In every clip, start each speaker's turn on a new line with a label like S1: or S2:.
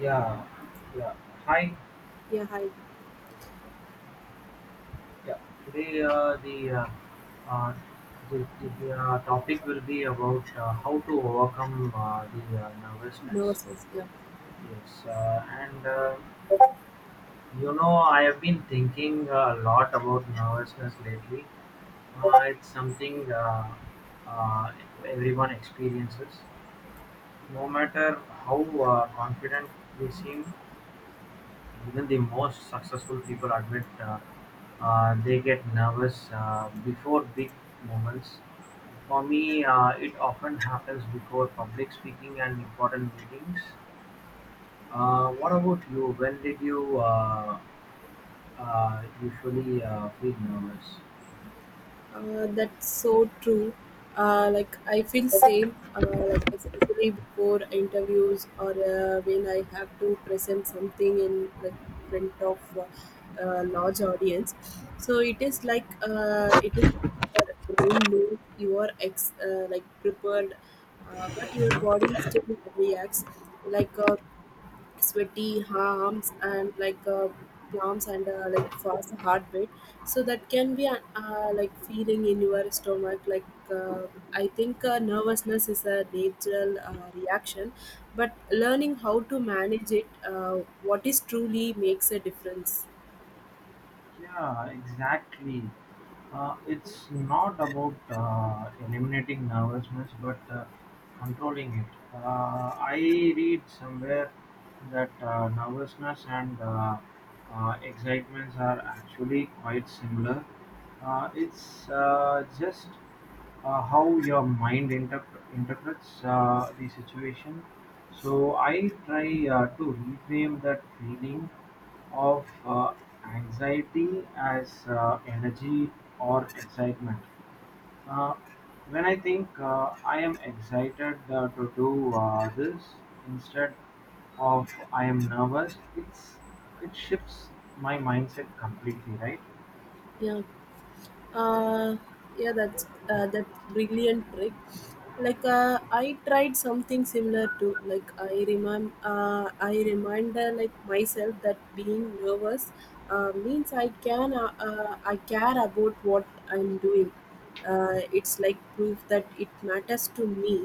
S1: Yeah, yeah. Hi.
S2: Yeah, hi.
S1: Yeah. Today uh, the topic will be about how to overcome the
S2: Never
S1: nervousness.
S2: says yeah.
S1: Yes, and I have been thinking a lot about nervousness lately. It's something uh, everyone experiences, no matter how confident they seem. Even the most successful people admit they get nervous before big moments. For me, it often happens before public speaking and important meetings. What about you? When did you usually feel nervous?
S2: That's so true. Like I feel same. Like especially before interviews, or when I have to present something in like front of a large audience. So it is like your brain knows you are ex like prepared, but your body still reacts. Like sweaty arms and like palms and like fast heartbeat, so that can be like feeling in your stomach like I think nervousness is a natural reaction, but learning how to manage it what is truly makes a difference.
S1: Yeah, exactly. It's not about eliminating nervousness, but controlling it. I read somewhere that nervousness and excitements are actually quite similar. It's just how your mind interprets the situation. So I try to reframe that feeling of anxiety as energy or excitement. Uh, when I think I am excited to do this instead of I am nervous, it shifts my mindset completely, right?
S2: Yeah uh yeah that's that brilliant trick. Like I tried something similar to, like, I reminder like myself that being nervous means I care about what I'm doing. It's like proof that it matters to me.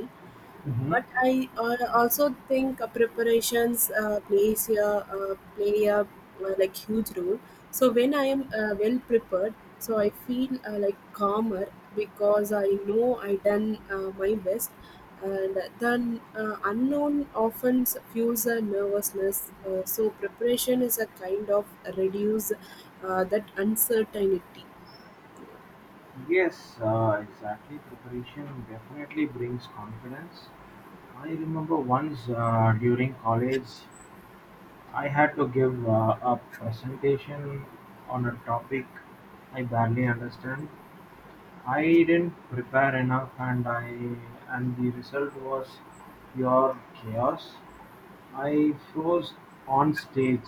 S2: But
S1: Hmm.
S2: I also think preparations play a like huge role. So when I am well prepared, so I feel like calmer because I know I done my best, and the unknown often fuels a nervousness. So preparation is a kind of reduce that uncertainty.
S1: Yes, exactly. Preparation definitely brings confidence. I remember once during college I had to give a presentation on a topic I barely understand. I didn't prepare enough and the result was pure chaos. I froze on stage.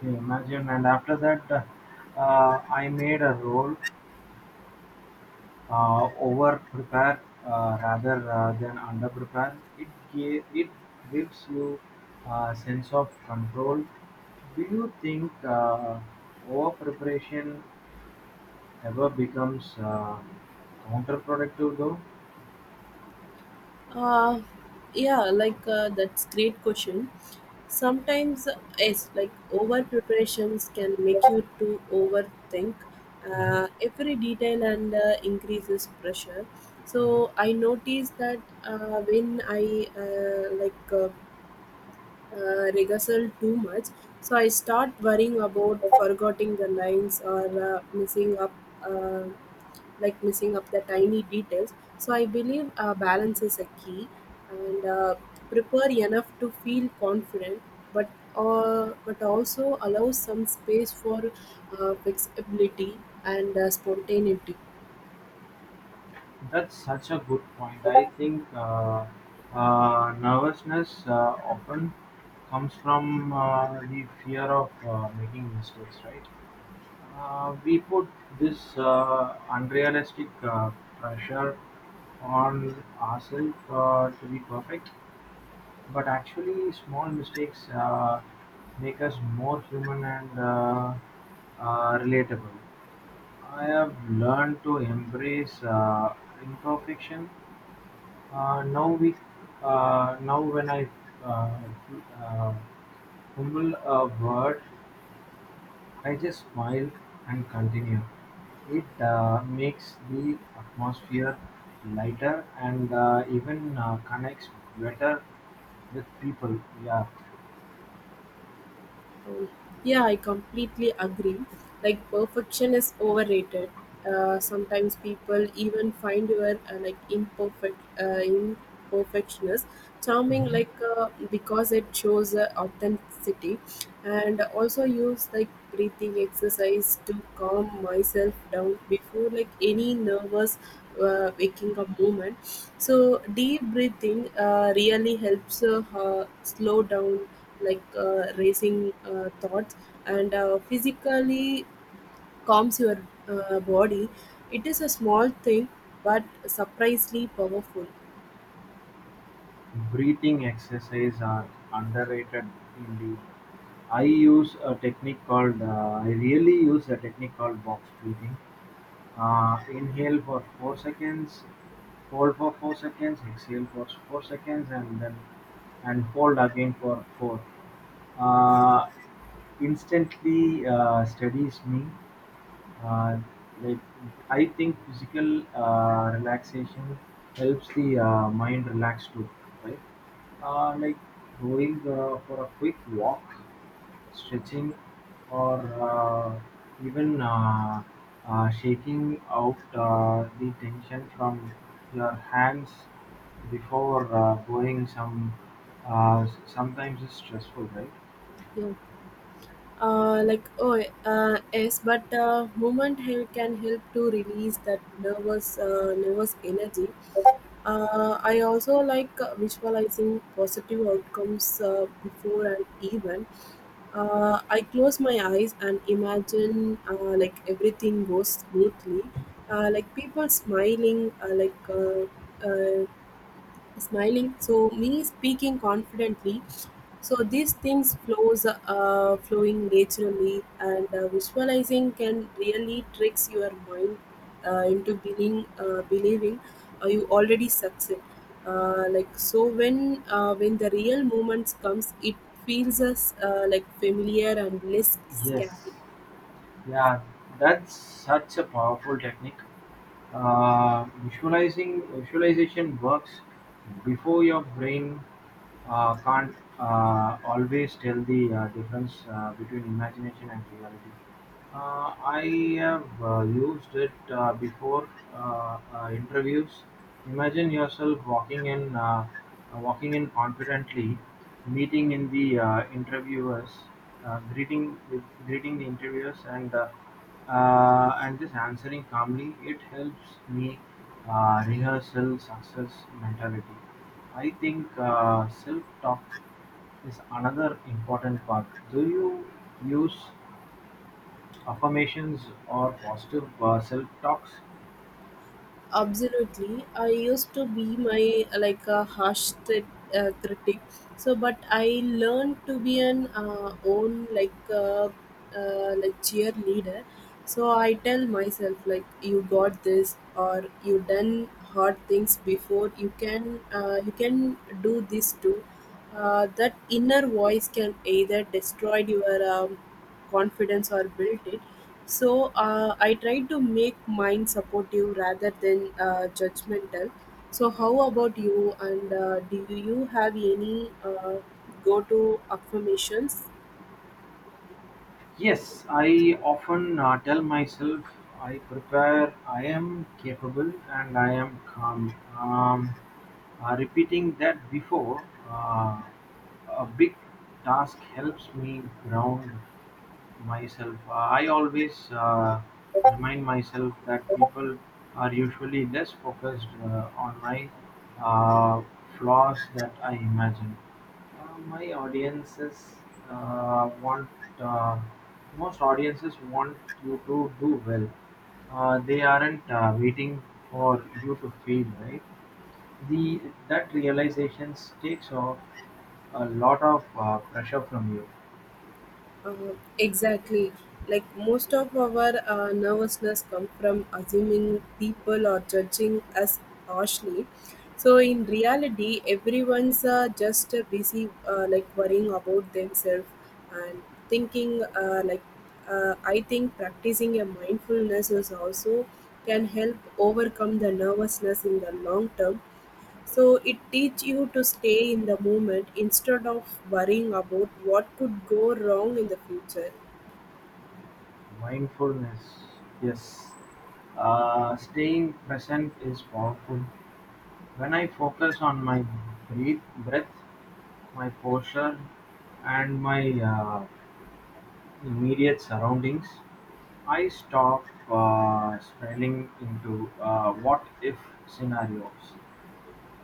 S1: Can you imagine, and after that I made a roll over-prepare rather than under-prepare, it gives you a sense of control. Do you think over-preparation ever becomes counterproductive, though?
S2: Uh, yeah, like that's great question. Sometimes yes, like over preparations can make you to overthink
S1: Mhm,
S2: every detail and increases pressure. So
S1: mhm.
S2: I noticed that when I like, rehearsal too much. So I start worrying about forgetting the lines, or uh, missing up, uh, like missing up the tiny details. So I believe balance is a key, and prepare enough to feel confident, but but also allow some space for flexibility and spontaneity.
S1: That's such a good point. I think nervousness often comes from the fear of making mistakes, right? We put this unrealistic pressure on ourselves to be perfect, but actually, small mistakes make us more human and relatable. I have learned to embrace imperfection. Uh, now we, now when I uh, f- uh, fumble a word I just smile and continue. It makes the atmosphere lighter and even connects better with people. Yeah.
S2: Yeah, I completely agree. Like perfection is overrated. Sometimes people even find your like imperfectionist charming, like
S1: Mhm.
S2: because it shows authenticity. And also use like breathing exercise to calm myself down before like any nervous waking up moment. So deep breathing really helps slow down like racing thoughts and physically calms your body. It is a small thing but surprisingly powerful.
S1: Breathing exercise are underrated indeed. I really use a technique called box breathing. Inhale for 4 seconds, hold for 4 seconds, exhale for 4 seconds, and hold again for 4. Uh, Instantly steadies me. Uh, like I think physical relaxation helps the mind relax too, right? Like going for a quick walk, stretching, or uh, even shaking out the tension from your hands before going some sometimes is stressful, right?
S2: Yeah, like oh, yes, but movement here can help to release that nervous energy. I also like visualizing positive outcomes before an event. I close my eyes and imagine like everything goes smoothly, like people smiling, uh, smiling, so me speaking confidently. So these things flows flowing naturally, and visualizing can really tricks your mind into believing you already succeed. Like so when the real moments comes, it feels us like familiar and less scary.
S1: Yes, yeah, that's such a powerful technique. Visualizing Visualization works before your brain can't always tell the difference between imagination and reality. I have used it before interviews. Imagine yourself walking in, Walking in confidently, meeting in the interviewers, greeting with greeting the interviewers, and just answering calmly, it helps me rehearsal success mentality. I think self-talk is another important part. Do you use affirmations or positive self-talks?
S2: Absolutely. I used to be my like a harsh critic. So but I learned to be an own, like, like cheerleader. So I tell myself, like, you got this, or you done hard things before, you can do this too. That inner voice can either destroy your confidence or built it. So I try to make mine supportive rather than judgmental. So how about you, and do you have any go to affirmations?
S1: Yes, I often tell myself I prepare, I am capable, and I am calm. Repeating that before a big task helps me ground myself. I always remind myself that people are usually less focused on my uh, flaws that I imagine. My audiences want uh, Most audiences want you to do well. They aren't waiting for you to fail, right? The That realization takes off a lot of pressure from you.
S2: Exactly. Like most of our nervousness come from assuming people are judging us harshly. So in reality, everyone's just busy like worrying about themselves and thinking I think practicing a mindfulness is also can help overcome the nervousness in the long term. So it teach you to stay in the moment instead of worrying about what could go wrong in the future.
S1: Mindfulness, yes. Staying present is powerful. When I focus on my breath, my posture, and my uh, immediate surroundings, I stop spiraling into what if scenarios.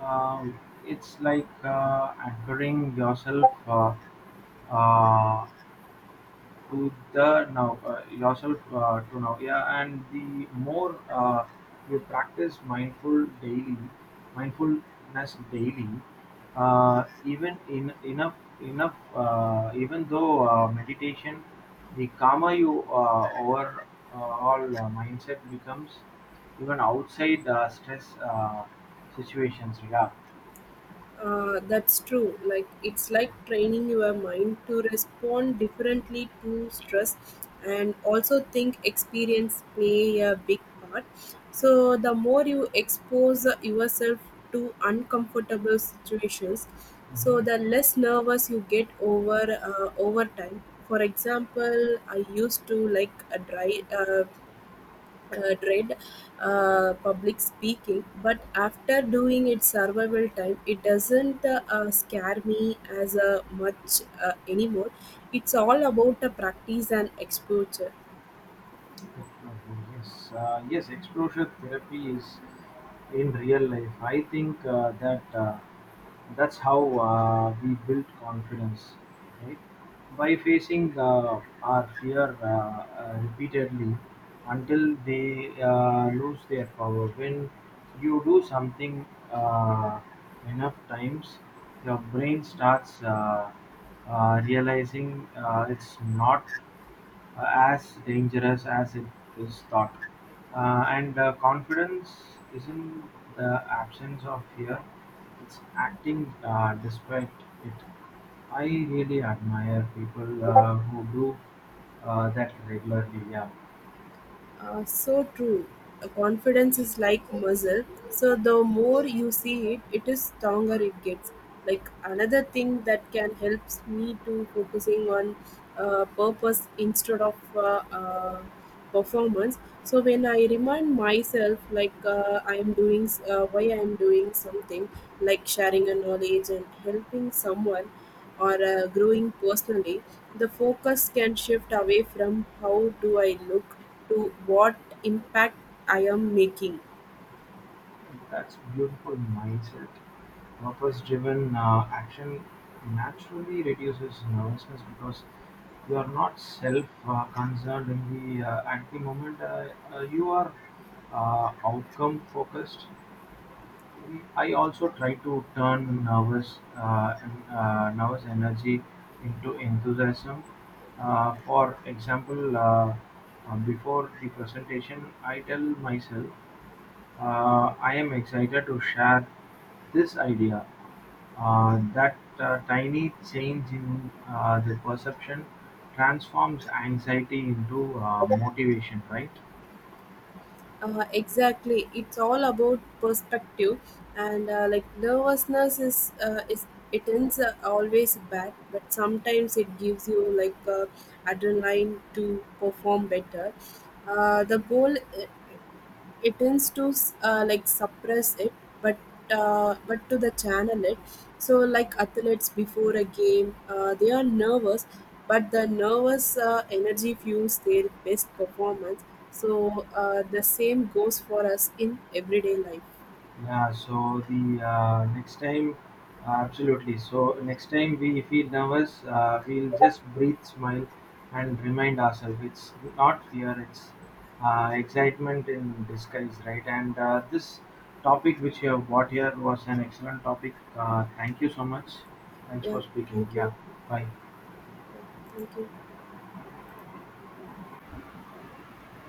S1: It's like anchoring uh, yourself to now. Yeah, and the more you mindfulness daily, even in enough enough even though meditation, the calmer you over all mindset becomes, even outside stress situations. Yeah.
S2: That's true. Like it's like training your mind to respond differently to stress, and also think experience play a big part. So the more you expose yourself to uncomfortable situations, so
S1: Mhm.
S2: the less nervous you get over time. For example, I used to like a dry. Dread public speaking, but after doing its survival time, it doesn't scare me as much anymore. It's all about the practice and exposure.
S1: Definitely. Yes, yes, exposure therapy is in real life. I think that's how we build confidence, right? By facing our fear repeatedly until they lose their power. When you do something uh, enough times, your brain starts realizing it's not uh, as dangerous as it is thought. And Confidence isn't the absence of fear, it's acting despite it. I really admire people who do that regularly. Yeah.
S2: So true. Confidence is like muscle. So the more you see it, it is stronger it gets. Like another thing that can help me to focusing on purpose instead of performance. So when I remind myself, like I am doing, why I am doing something, like sharing a knowledge and helping someone, or growing personally, the focus can shift away from how do I look to what impact I am making.
S1: That's beautiful mindset. Purpose-driven action naturally reduces nervousness because you are not self-concerned in the at the moment. You are outcome-focused. I also try to turn nervous energy into enthusiasm. For example, before the presentation, I tell myself I am excited to share this idea that tiny change in the perception transforms anxiety into motivation, right?
S2: Exactly. It's all about perspective, and like nervousness is it ends always bad, but sometimes it gives you like adrenaline to perform better. The goal it tends to like suppress it, but but to the channel it. So like athletes before a game they are nervous, but the nervous energy fuels their best performance. So the same goes for us in everyday life.
S1: Yeah, so the uh, next time, absolutely. So next time we feel nervous, we'll just breathe, smile, and remind ourselves it's not fear, it's excitement in disguise, right? And this topic which you have brought here was an excellent topic. Thank you so much. Thanks
S2: Yeah,
S1: for speaking.
S2: thank you.
S1: Yeah, bye.
S2: Yeah, thank you.